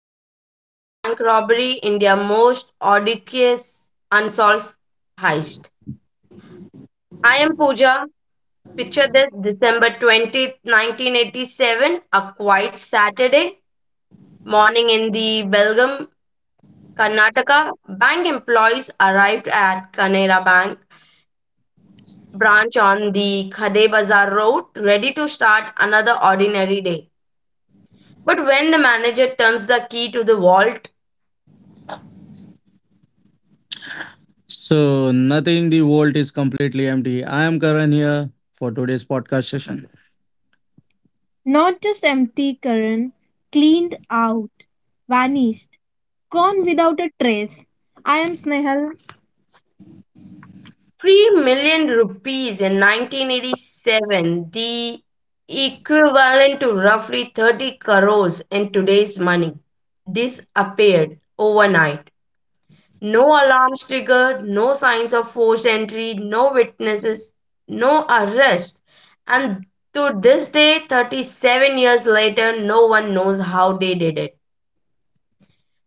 the Belgium bank robbery, India's most audacious unsolved heist. I am Pooja. Picture this: December 20th, 1987, a quiet Saturday morning in the Belgium, Karnataka. Bank employees arrived at Kanara Bank branch on the Khade Bazar Road, ready to start another ordinary day. But when the manager turns the key to the vault, So, nothing, the world is completely empty. I am Karan here for today's podcast session. Not just empty, Karan. Cleaned out. Vanished. Gone without a trace. I am Snehal. 3 million rupees in 1987, the equivalent to roughly 30 crores in today's money, disappeared overnight. No alarms triggered, no signs of forced entry, no witnesses, no arrest. And to this day, 37 years later, no one knows how they did it.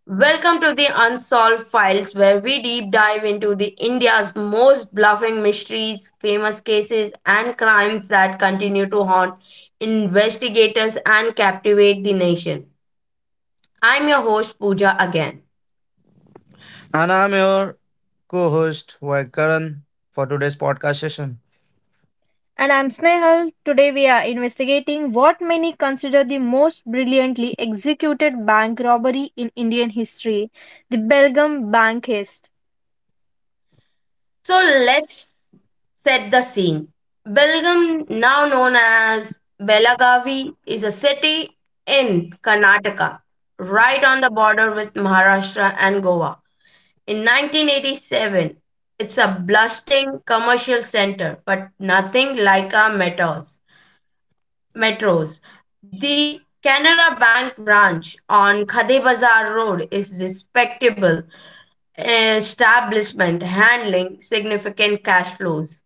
Welcome to the Unsolved Files, where we deep dive into the India's most bluffing mysteries, famous cases, and crimes that continue to haunt investigators and captivate the nation. I'm your host Pooja again. And I'm your co host, Karan, for today's podcast session. And I'm Snehal. Today we are investigating what many consider the most brilliantly executed bank robbery in Indian history, the Belgium bank heist. So let's set the scene. Belgaum, now known as Belagavi, is a city in Karnataka, right on the border with Maharashtra and Goa. In 1987, it's a bustling commercial center, but nothing like our metros. The Canara Bank branch on Khade Bazar Road is respectable establishment handling significant cash flows.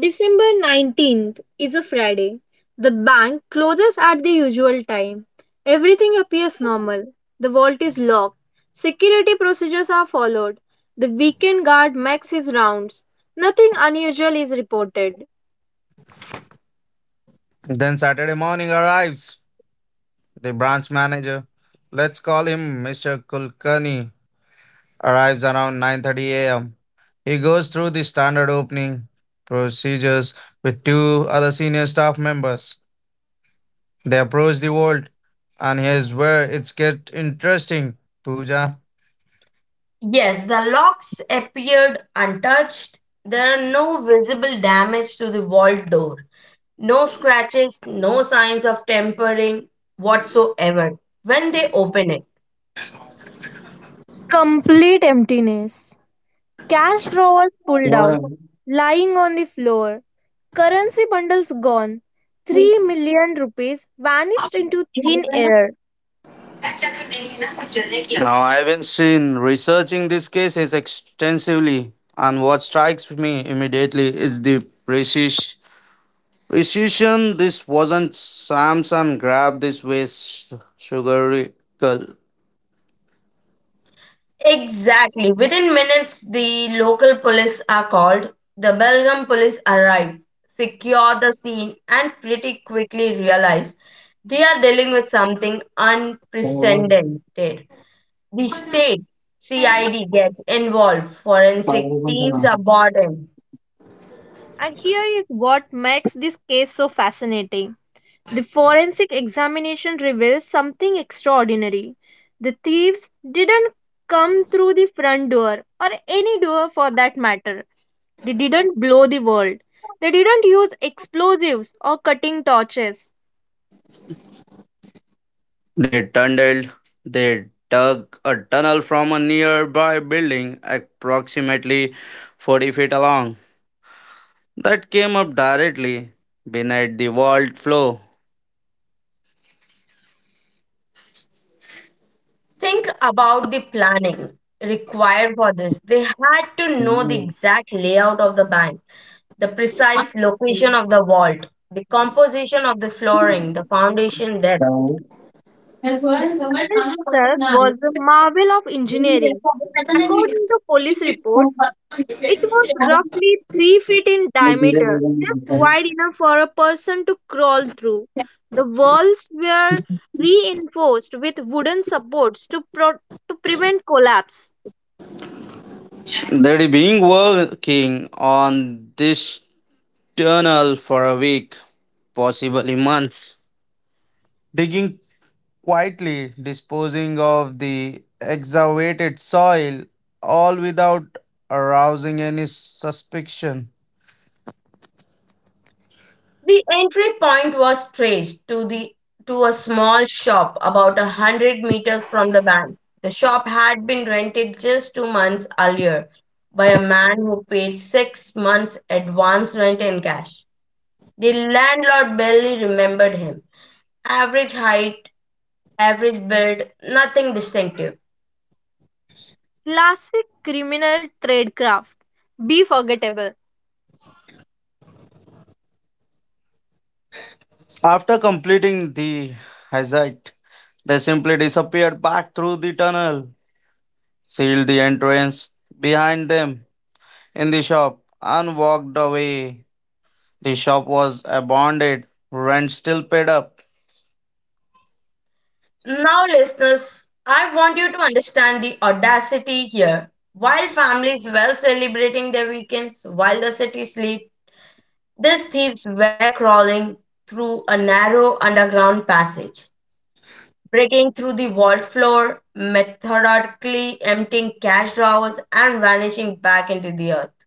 December 19th is a Friday. The bank closes at the usual time. Everything appears normal. The vault is locked. Security procedures are followed. The weekend guard makes his rounds. Nothing unusual is reported. Then Saturday morning arrives. The branch manager, let's call him Mr. Kulkarni, arrives around 9:30 a.m. He goes through the standard opening procedures with two other senior staff members. They approach the vault, and here's where it's get interesting. Pooja. Yes, the locks appeared untouched. There are no visible damage to the vault door. No scratches, no signs of tampering whatsoever when they open it. Complete emptiness. Cash drawers pulled out, lying on the floor. Currency bundles gone. 3 million rupees vanished into thin air. Now, I've been seen researching these cases extensively, and what strikes me immediately is the precision. precision. This wasn't Samson grab this waste sugary girl. Exactly. Within minutes, the local police are called. The Belgium police arrive, secure the scene, and pretty quickly realize they are dealing with something unprecedented. The state CID gets involved, forensic teams are brought in. And here is what makes this case so fascinating. The forensic examination reveals something extraordinary. The thieves didn't come through the front door or any door for that matter. They didn't blow the world. They didn't use explosives or cutting torches. They tunneled, they dug a tunnel from a nearby building approximately 40 feet long that came up directly beneath the vault floor. Think about the planning required for this. They had to know the exact layout of the bank, the precise location of the vault, the composition of the flooring, the foundation depth. Well, The well, tama tunnel ka itself na. was a They'd marvel of engineering. According to police reports, it was roughly 3 feet in diameter, just wide enough for a person to crawl through. The walls were reinforced with wooden supports to to prevent collapse. been working on this tunnel for a week, possibly months, digging quietly, disposing of the excavated soil, all without arousing any suspicion. The entry point was traced to a small shop about 100 meters from the bank. The shop had been rented just 2 months earlier by a man who paid 6 months advance rent in cash. The landlord barely remembered him. Average height, average build, nothing distinctive. Classic criminal tradecraft. Be forgettable. After completing the hazard, they simply disappeared back through the tunnel, sealed the entrance behind them in the shop, and walked away. The shop was abandoned, rent still paid up. Now, listeners, I want you to understand the audacity here. While families well celebrating their weekends, while the city sleeps, these thieves were crawling through a narrow underground passage, breaking through the vault floor, methodically emptying cash drawers, and vanishing back into the earth.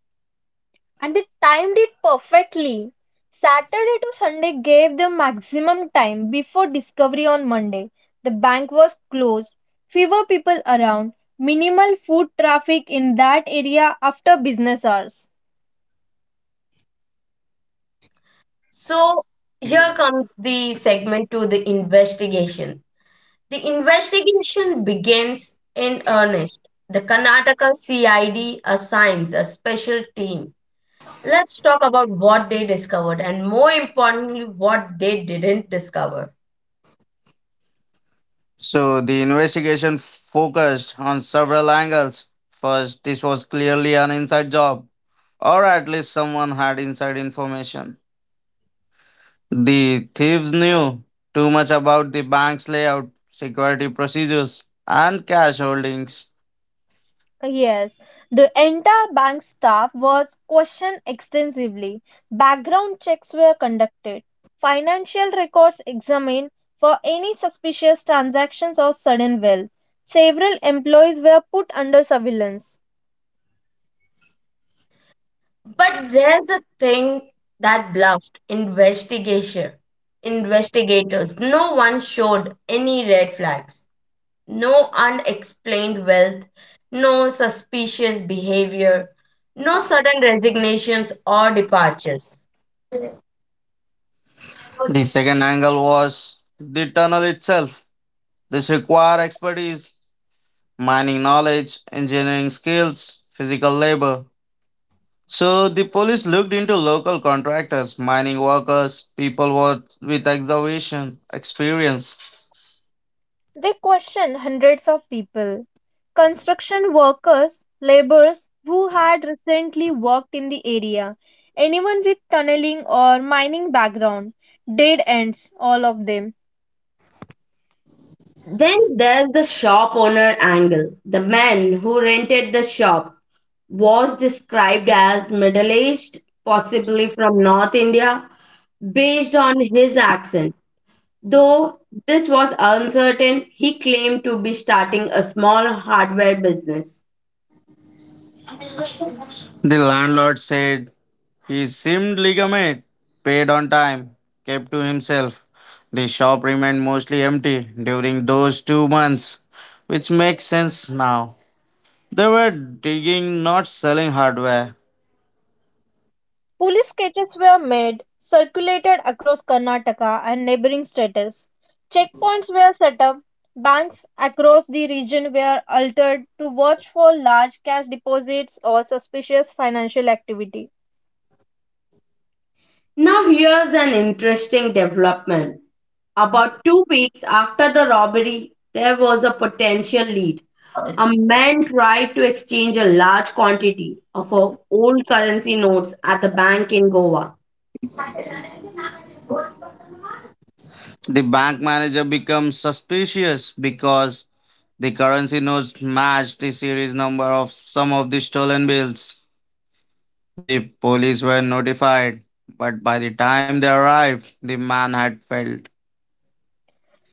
And they timed it perfectly. Saturday to Sunday gave them maximum time before discovery on Monday. The bank was closed, fewer people around, minimal foot traffic in that area after business hours. So, here comes the segment to the investigation. The investigation begins in earnest. The Karnataka CID assigns a special team. Let's talk about what they discovered and, more importantly, what they didn't discover. So the investigation focused on several angles. First, this was clearly an inside job, or at least someone had inside information. The thieves knew too much about the bank's layout, security procedures, and cash holdings. Yes, the entire bank staff was questioned extensively. Background checks were conducted. Financial records examined for any suspicious transactions or sudden wealth. Several employees were put under surveillance. But there's a thing that bluffed investigation investigators. No one showed any red flags. No unexplained wealth, no suspicious behavior, no sudden resignations or departures. The second angle was the tunnel itself. This required expertise, mining knowledge, engineering skills, physical labor. So the police looked into local contractors, mining workers, people with excavation experience. They questioned hundreds of people, construction workers, laborers who had recently worked in the area, anyone with tunneling or mining background. Dead ends, all of them. Then there's the shop owner angle. The man who rented the shop was described as middle aged, possibly from North India, based on his accent. Though this was uncertain, he claimed to be starting a small hardware business. The landlord said he seemed legitimate, paid on time, kept to himself. The shop remained mostly empty during those 2 months, which makes sense now. They were digging, not selling hardware. Police sketches were made, circulated across Karnataka and neighboring states. Checkpoints were set up, banks across the region were altered to watch for large cash deposits or suspicious financial activity. Now, here's an interesting development. About 2 weeks after the robbery, there was a potential lead. A man tried to exchange a large quantity of old currency notes at the bank in Goa. The bank manager becomes suspicious because the currency notes match the series number of some of the stolen bills. The police were notified, but by the time they arrived, the man had failed.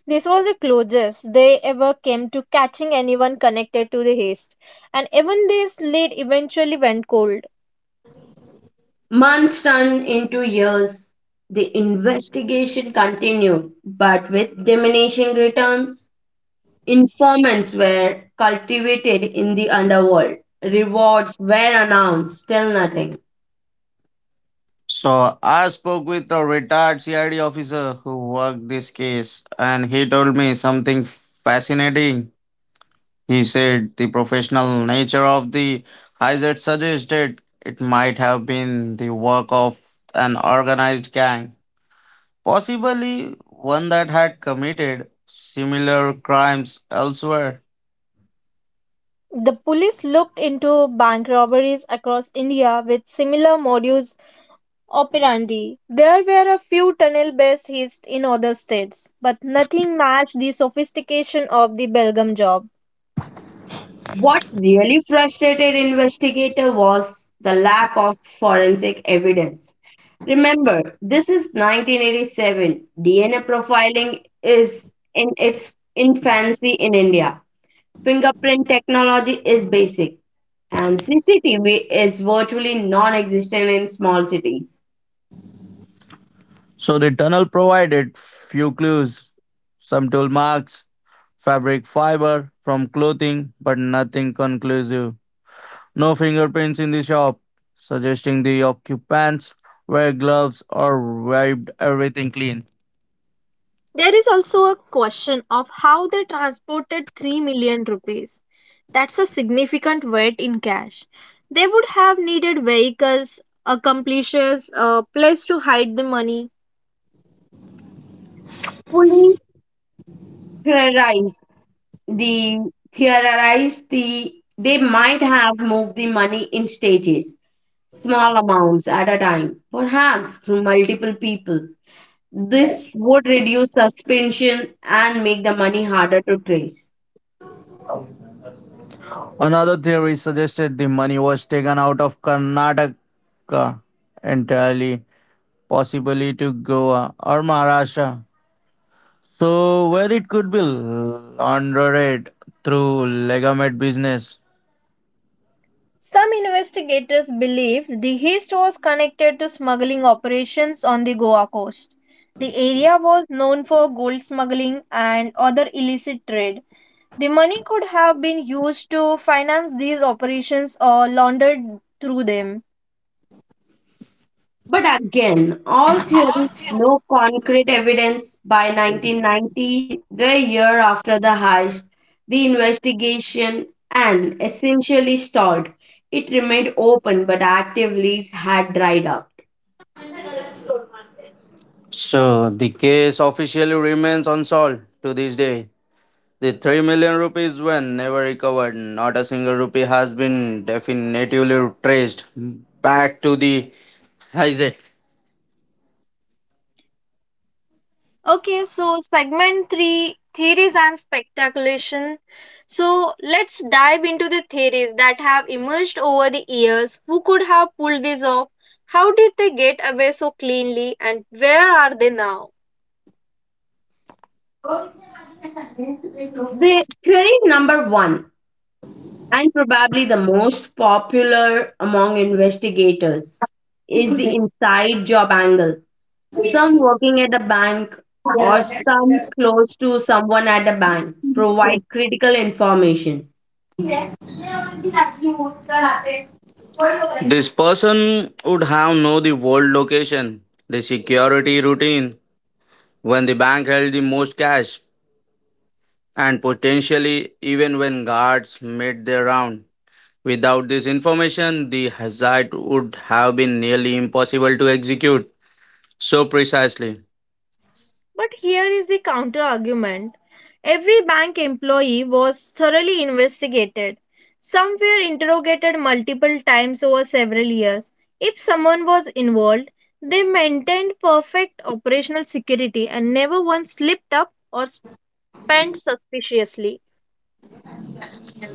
This was the closest they ever came to catching anyone connected to the heist, and even this lead eventually went cold. Months turned into years. The investigation continued, but with diminishing returns. Informants were cultivated in the underworld. Rewards were announced, still nothing. So I spoke with a retired CID officer who worked this case, and he told me something fascinating. He said the professional nature of the hazard suggested it might have been the work of an organized gang, possibly one that had committed similar crimes elsewhere. The police looked into bank robberies across India with similar modus operandi. There were a few tunnel based heists in other states, but nothing matched the sophistication of the Belgium job. What really frustrated investigator was the lack of forensic evidence. Remember, this is 1987. DNA profiling is in its infancy in India. Fingerprint technology is basic, and CCTV is virtually non-existent in small cities. So the tunnel provided few clues, some tool marks, fabric fiber from clothing, but nothing conclusive. No fingerprints in the shop, suggesting the occupants wear gloves or wiped everything clean. There is also a question of how they transported 3 million rupees. That's a significant weight in cash. They would have needed vehicles, accomplices, a place to hide the money. Police theorized the theorized the they might have moved the money in stages, small amounts at a time, perhaps through multiple peoples. This would reduce suspension and make the money harder to trace. Another theory suggested the money was taken out of Karnataka entirely, possibly to Goa or Maharashtra, so where it could be laundered through legitimate business. Some investigators believe the heist was connected to smuggling operations on the Goa coast. The area was known for gold smuggling and other illicit trade. The money could have been used to finance these operations or laundered through them. But again, all theories, no concrete evidence. By 1990, the year after the heist, the investigation and essentially stalled. It remained open, but active leads had dried up. So the case officially remains unsolved to this day. The 3 million rupees were never recovered. Not a single rupee has been definitively traced back to the Isaac. Okay, so segment three, theories and speculation. So let's dive into the theories that have emerged over the years. Who could have pulled this off? How did they get away so cleanly? And where are they now? The theory number one, and probably the most popular among investigators, is the inside job angle. Some working at the bank or some close to someone at the bank provide critical information. This person would have known the world location, the security routine, when the bank held the most cash, and potentially even when guards made their round. Without this information, the hazard would have been nearly impossible to execute so precisely. But here is the counter argument. Every bank employee was thoroughly investigated. Some were interrogated multiple times over several years. If someone was involved, they maintained perfect operational security and never once slipped up or spent suspiciously.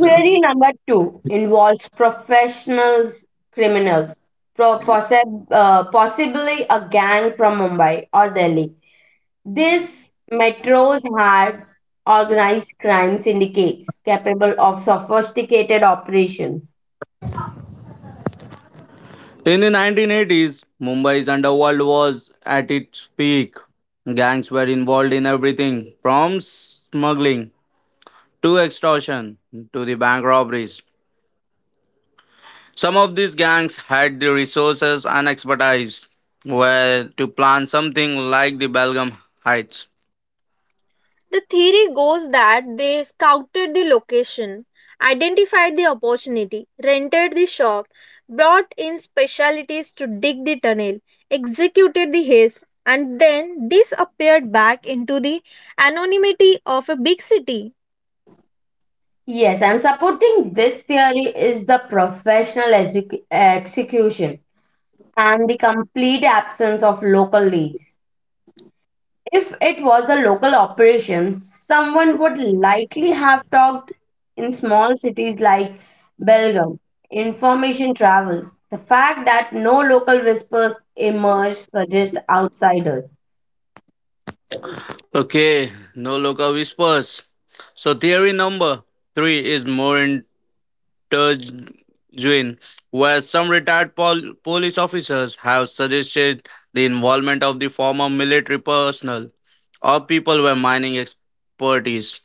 Query number two involves professionals, criminals, possibly a gang from Mumbai or Delhi. This metros had organized crime syndicates capable of sophisticated operations. In the 1980s, Mumbai's underworld was at its peak. Gangs were involved in everything from smuggling to extortion to the bank robberies. Some of these gangs had the resources and expertise where to plan something like the Belgium Heights. The theory goes that they scouted the location, identified the opportunity, rented the shop, brought in specialities to dig the tunnel, executed the heist, and then disappeared back into the anonymity of a big city. Yes, and supporting this theory is the professional execution and the complete absence of local leads. If it was a local operation, someone would likely have talked in small cities like Belgium. Information travels. The fact that no local whispers emerged suggests outsiders. Okay, no local whispers. So theory number three is more intertwined, where some retired police officers have suggested the involvement of the former military personnel or people with mining expertise.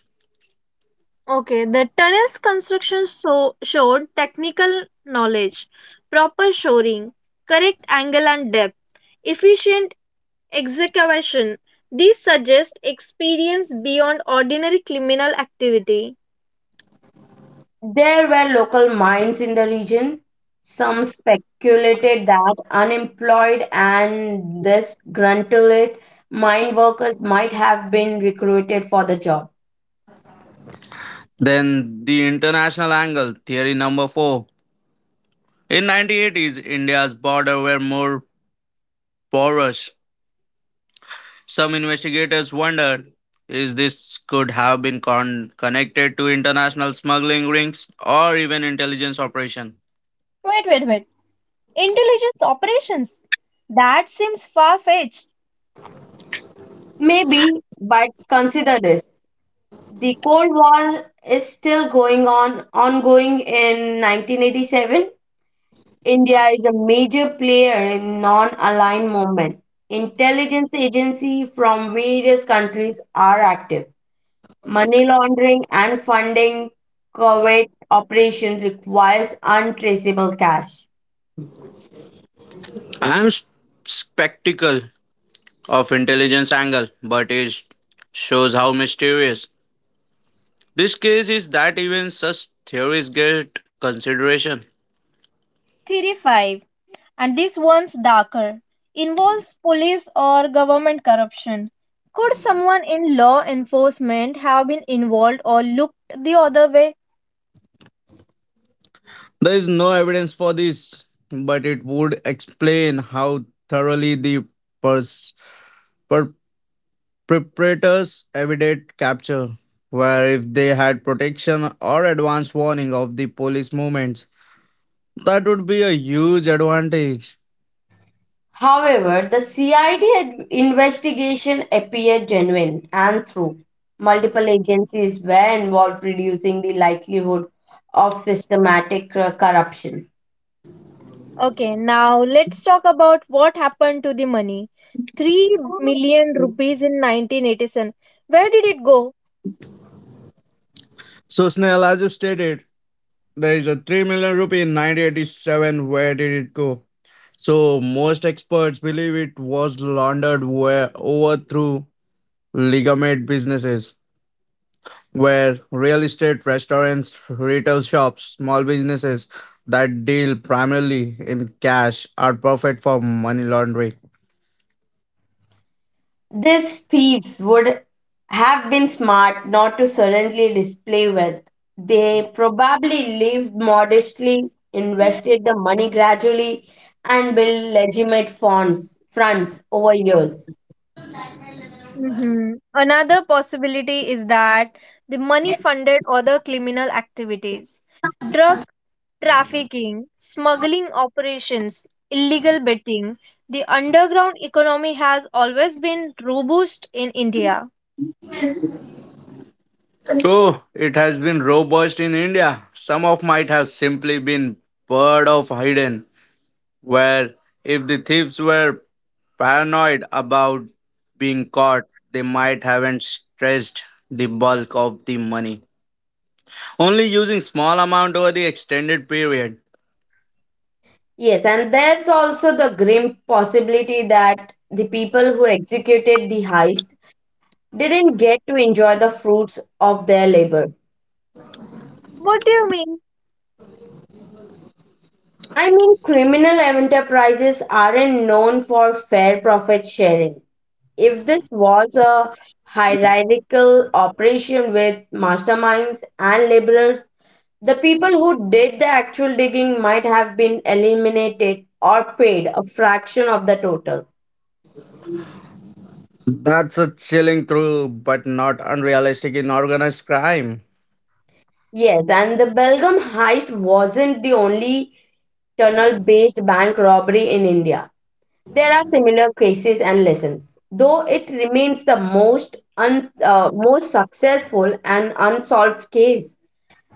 Okay, the tunnel's construction showed technical knowledge, proper shoring, correct angle and depth, efficient execution. These suggest experience beyond ordinary criminal activity. There were local mines in the region. Some speculated that unemployed and disgruntled mine workers might have been recruited for the job. Then the international angle, theory number four. In 1980s, India's border were more porous. Some investigators wondered is this could have been connected to international smuggling rings or even intelligence operation. Wait, wait, wait. Intelligence operations. That seems far fetched. Maybe, but consider this: the Cold War is still going on, ongoing in 1987. India is a major player in non-aligned movement. Intelligence agencies from various countries are active. Money laundering and funding covert operations requires untraceable cash. I am skeptical of intelligence angle, but it shows how mysterious this case is that even such theories get consideration. Theory 5. And this one's darker. Involves police or government corruption. Could someone in law enforcement have been involved or looked the other way? There is no evidence for this, but it would explain how thoroughly the pers- per- Preparators evaded capture, where if they had protection or advance warning of the police movements, that would be a huge advantage. However, the investigation appeared genuine and through. Multiple agencies were involved, reducing the likelihood of systematic corruption. Okay, now let's talk about what happened to the money. 3 million rupees in 1987. Where did it go? So, Snell, as you stated, there is a 3 million rupee in 1987. Where did it go? So, most experts believe it was laundered where over through legitimate businesses where real estate, restaurants, retail shops, small businesses that deal primarily in cash are perfect for money laundering. These thieves would have been smart not to suddenly display wealth. They probably lived modestly, invested the money gradually, and built legitimate funds, fronts over years. Mhm. Another possibility is that the money funded other criminal activities, drug trafficking, smuggling operations, illegal betting. The underground economy has always been robust in India. Oh, it has been robust in India. Some of might have simply been bird of hidden, where if the thieves were paranoid about being caught, they might haven't stressed the bulk of the money, only using small amount over the extended period. Yes, and there's also the grim possibility that the people who executed the heist didn't get to enjoy the fruits of their labor. What do you mean? I mean, criminal enterprises aren't known for fair profit sharing. If this was a hierarchical operation with masterminds and laborers, the people who did the actual digging might have been eliminated or paid a fraction of the total. That's a chilling true but not unrealistic in organized crime. Yes, and the Belgium heist wasn't the only tunnel based bank robbery in India. There are similar cases and lessons, though it remains the most successful and unsolved case.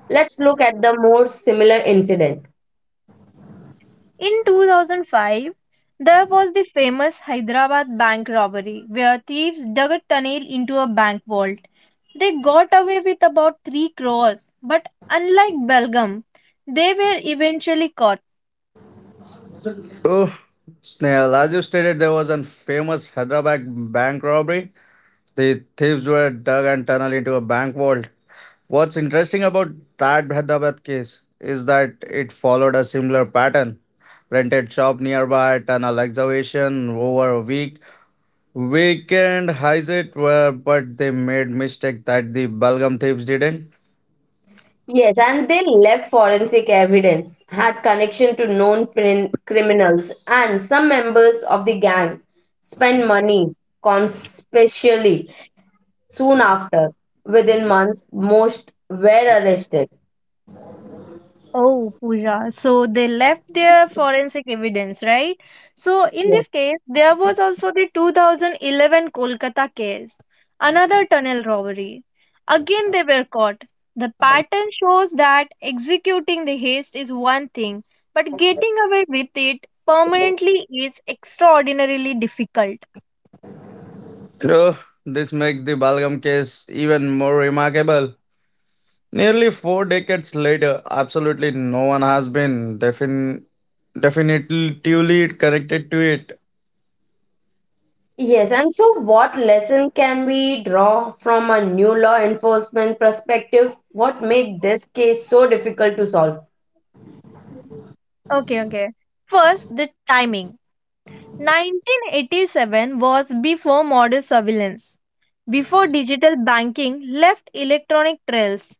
Let's look at the more similar incident. In 2005, there was the famous Hyderabad bank robbery where thieves dug a tunnel into a bank vault. They got away with about 3 crores, but unlike Belgium, they were eventually caught. Oh, Snail, as you stated, there was a famous Hyderabad bank robbery. The thieves were dug and tunneled into a bank vault. What's interesting about that Hyderabad case is that it followed a similar pattern. Rented shop nearby, tunnel excavation over a week. Weekend highs it were, but they made mistake that the Belgium thieves didn't. Yes, and they left forensic evidence, had connection to known criminals, and some members of the gang spent money conspicuously. Soon after, within months, most were arrested. Oh, Pooja. So they left their forensic evidence, right? So in Yeah. this case, there was also the 2011 Kolkata case, another tunnel robbery. Again, they were caught. The pattern shows that executing the haste is one thing, but getting away with it permanently is extraordinarily difficult. True, this makes the Balgam case even more remarkable. Nearly four decades later, absolutely no one has been definitively connected to it. Yes, and so what lesson can we draw from a new law enforcement perspective? What made this case so difficult to solve? Okay, okay. First, the timing. 1987 was before modern surveillance, before digital banking left electronic trails,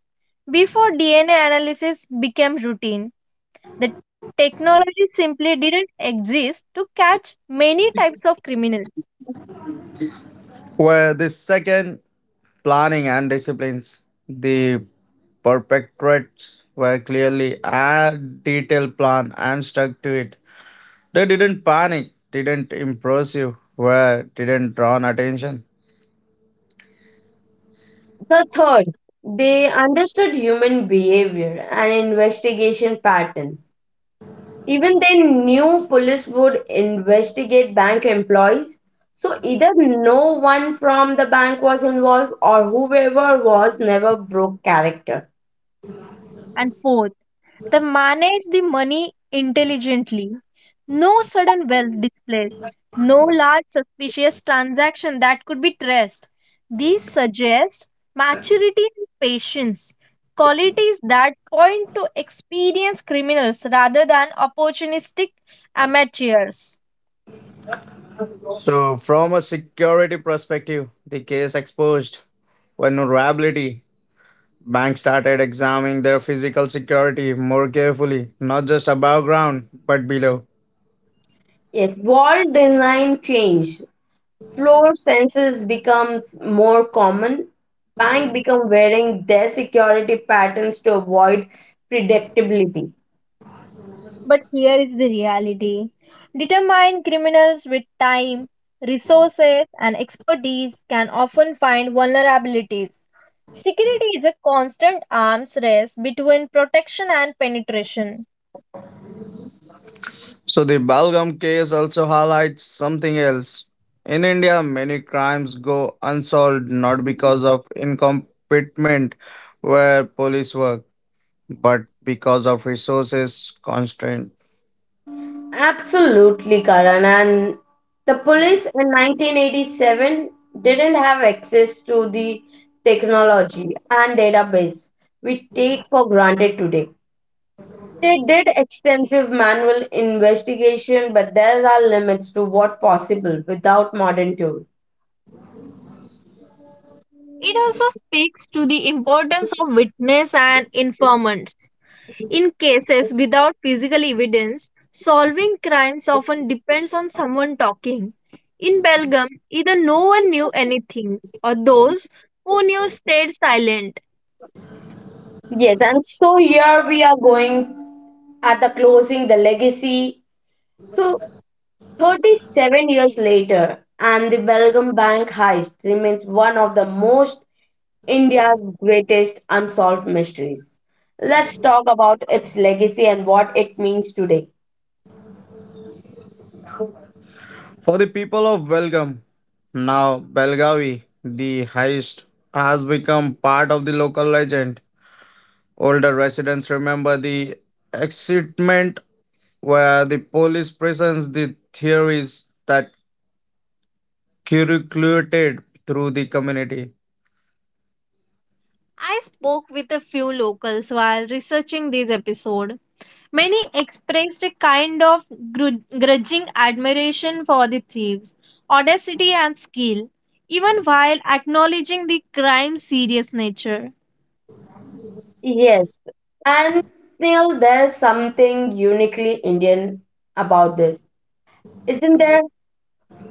before DNA analysis became routine. The technology simply didn't exist to catch many types of criminals. Where the second, planning and disciplines, the perpetrators were clearly a detailed plan and stuck to it. They didn't panic, didn't impress you, were didn't draw attention. The third, they understood human behavior and investigation patterns. Even they knew police would investigate bank employees. So either no one from the bank was involved or whoever was never broke character. And fourth, they manage the money intelligently. No sudden wealth displays, no large suspicious transaction that could be traced. These suggest maturity and patience, qualities that point to experienced criminals rather than opportunistic amateurs. So, from a security perspective, the case exposed vulnerability. Banks started examining their physical security more carefully, not just above ground, but below. Yes, wall design change. Floor sensors becomes more common. Bank become wearing their security patterns to avoid predictability. But here is the reality. Determined criminals with time, resources, and expertise can often find vulnerabilities. Security is a constant arms race between protection and penetration. So, the Balgam case also highlights something else. In India, many crimes go unsolved not because of incompetent where police work, but because of resources constraint. Absolutely, Karan. And the police in 1987 didn't have access to the technology and database we take for granted today. They did extensive manual investigation, but there are limits to what possible without modern tools. It also speaks to the importance of witness and informants. In cases without physical evidence, solving crimes often depends on someone talking. In Belgium, either no one knew anything or those who knew stayed silent. Yes, and so here we are going at the closing, the legacy. So, 37 years later, and the Belgium bank heist remains one of the most India's greatest unsolved mysteries. Let's talk about its legacy and what it means today. For the people of Belgaum, now Belgavi, the heist has become part of the local legend. Older residents remember the excitement where the police presents the theories that circulated through the community. I spoke with a few locals while researching this episode. Many expressed a kind of grudging admiration for the thieves, audacity, and skill, even while acknowledging the crime's serious nature. Yes, and Neil, there is something uniquely Indian about this, isn't there?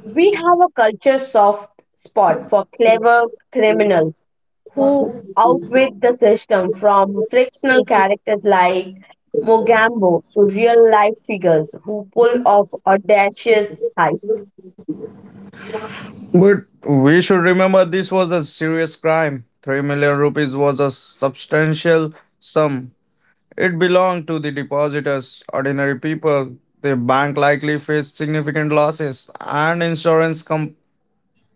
We have a culture soft spot for clever criminals who outwit the system, from fictional characters like Mogambo to real life figures who pull off audacious heists. But we should remember this was a serious crime. 3 million rupees was a substantial sum. It belonged to the depositors, ordinary people. The bank likely faced significant losses and insurance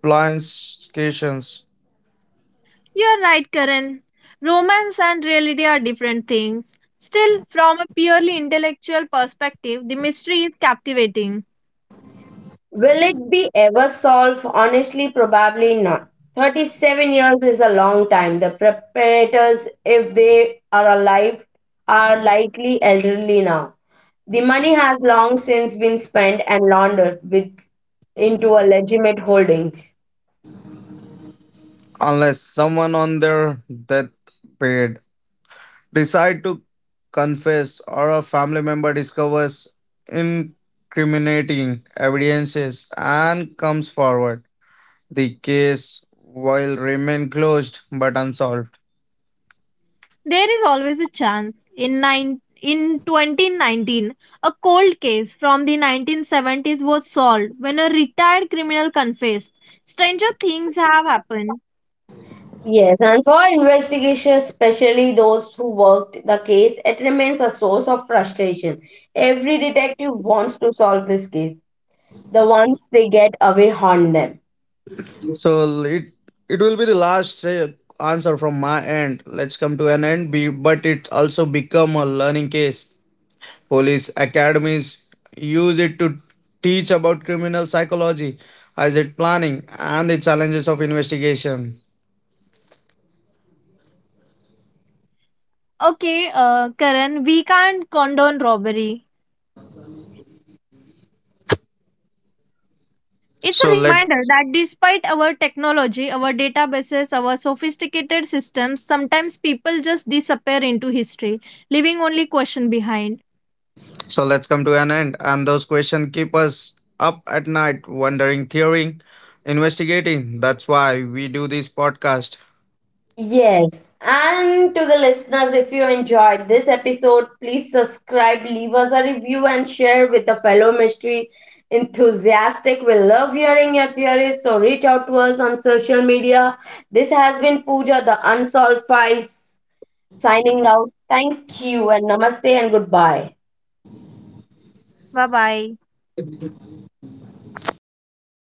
complications You're right, Karen. Romance and reality are different things. Still, from a purely intellectual perspective, the mystery is captivating. Will it be ever solved? Honestly, probably not. 37 years is a long time. The preparators, if they are alive, are likely elderly now. The money has long since been spent and laundered with, into a legitimate holdings. unless someone on their deathbed decide to confess or a family member discovers incriminating evidences and comes forward. The case will remain closed but unsolved. There is always a chance. In 2019, a cold case from the 1970s was solved when a retired criminal confessed. Stranger things have happened. Yes, and for investigators, especially those who worked the case, it remains a source of frustration. Every detective wants to solve this case. The ones they get away haunt them. So it will be the last say, answer from my end. Let's come to an end. Be, but it also become a learning case. Police academies use it to teach about criminal psychology, hazard planning, and the challenges of investigation. Okay, Karan, we can't condone robbery. It's a So let reminder that despite our technology, our databases, our sophisticated systems, sometimes people just disappear into history, leaving only question behind. so let's come to an end. And those questions keep us up at night, wondering, theorying, investigating. That's why we do this podcast. Yes, and to the listeners, if you enjoyed this episode, please subscribe, leave us a review, and share with a fellow mystery enthusiastic. We love hearing your theories, so reach out to us on social media. This has been Pooja, the Unsolved Files, signing out. Thank you, and namaste, and goodbye. Bye bye.